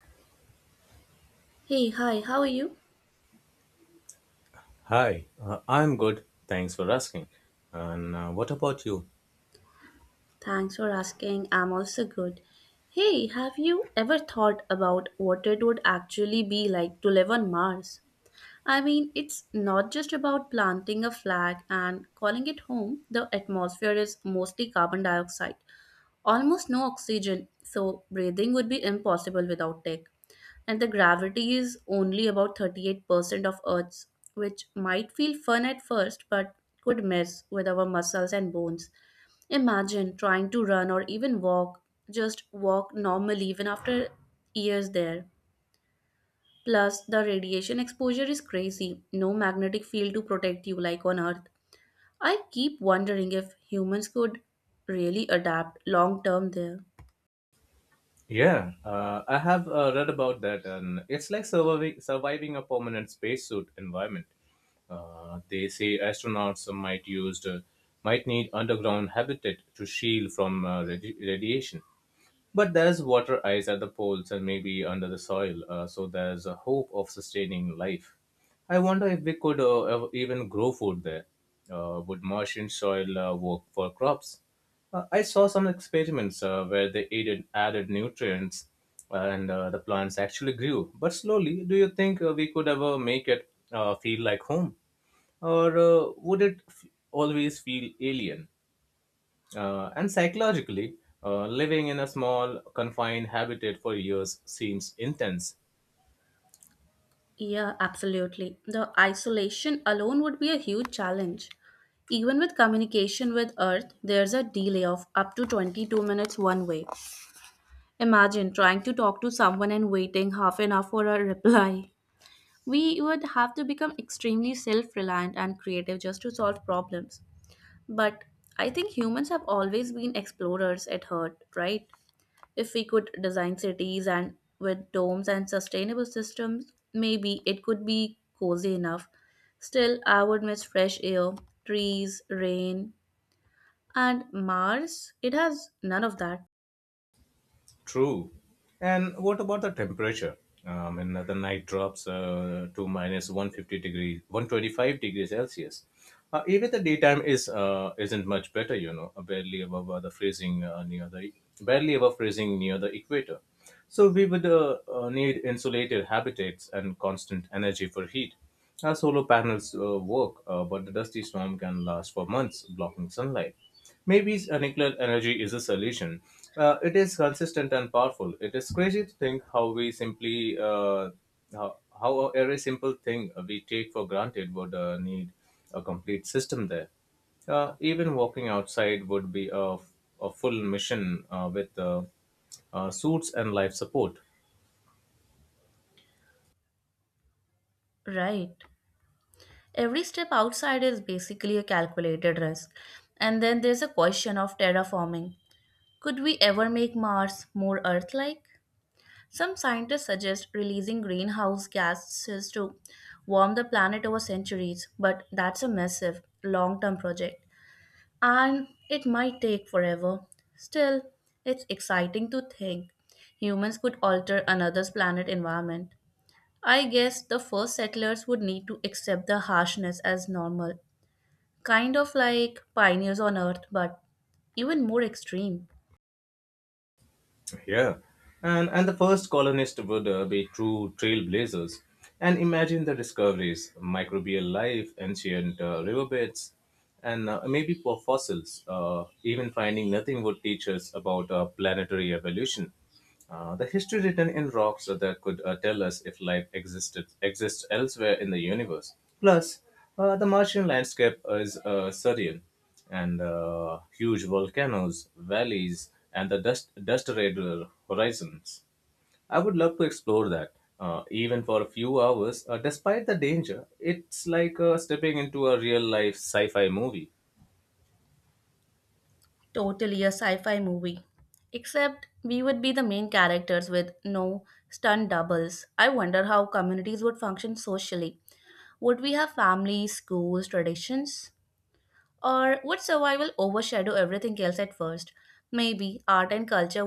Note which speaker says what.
Speaker 1: Hey, hi, how are you?
Speaker 2: Hi, I'm good. Thanks for asking. And what about you?
Speaker 1: Thanks for asking. I'm also good. Hey, have you ever thought about what it would actually be like to live on Mars? I mean, it's not just about planting a flag and calling it home. The atmosphere is mostly carbon dioxide, almost no oxygen, so breathing would be impossible without tech. And the gravity is only about 38% of Earth's, which might feel fun at first, but could mess with our muscles and bones. Imagine trying to run or even walk, just walk normally even after years there. Plus, the radiation exposure is crazy. No magnetic field to protect you like on Earth. I keep wondering if humans could really adapt long term there.
Speaker 2: Yeah, I have read about that, and it's like surviving a permanent spacesuit environment. They say astronauts might need underground habitat to shield from radiation. But there's water ice at the poles and maybe under the soil, so there's a hope of sustaining life. I wonder if we could even grow food there. Would Martian soil work for crops? I saw some experiments where they added nutrients and the plants actually grew. But slowly, do you think we could ever make it feel like home? Or would it always feel alien? And psychologically, living in a small, confined habitat for years seems intense.
Speaker 1: Yeah, absolutely. The isolation alone would be a huge challenge. Even with communication with Earth, there's a delay of up to 22 minutes one way. Imagine trying to talk to someone and waiting half an hour for a reply. We would have to become extremely self reliant and creative just to solve problems. But I think humans have always been explorers at heart, right? If we could design cities and with domes and sustainable systems, maybe it could be cozy enough. Still, I would miss fresh air, trees, rain, and Mars. It has none of that.
Speaker 2: True. And what about the temperature? In the night drops to minus 150 degrees, 125 degrees Celsius. Even the daytime is isn't much better, barely above the freezing near the barely above freezing near the equator. So we would need insulated habitats and constant energy for heat. Our solar panels work, but the dusty storm can last for months, blocking sunlight. Maybe nuclear energy is a solution. It is consistent and powerful. It is crazy to think how every simple thing we take for granted would need a complete system there. Even walking outside would be a full mission with suits and life support.
Speaker 1: Right. Every step outside is basically a calculated risk. And then there's a question of terraforming. Could we ever make Mars more Earth like? Some scientists suggest releasing greenhouse gases to warm the planet over centuries, but that's a massive, long term project and it might take forever. Still, it's exciting to think humans could alter another's planet environment. I guess the first settlers would need to accept the harshness as normal, kind of like pioneers on Earth, but even more extreme.
Speaker 2: Yeah, and the first colonists would be true trailblazers, and imagine the discoveries, microbial life, ancient riverbeds, and maybe for fossils. Even finding nothing would teach us about planetary evolution. The history written in rocks that could tell us if life existed exists elsewhere in the universe. Plus, the Martian landscape is surreal, and huge volcanoes, valleys, and the dust radial horizons. I would love to explore that, even for a few hours. Despite the danger, it's like stepping into a real life sci fi movie.
Speaker 1: Totally a sci fi movie. Except we would be the main characters with no stunt doubles. I wonder how communities would function socially. Would we have families, schools, traditions? Or would survival overshadow everything else at first? Maybe art and culture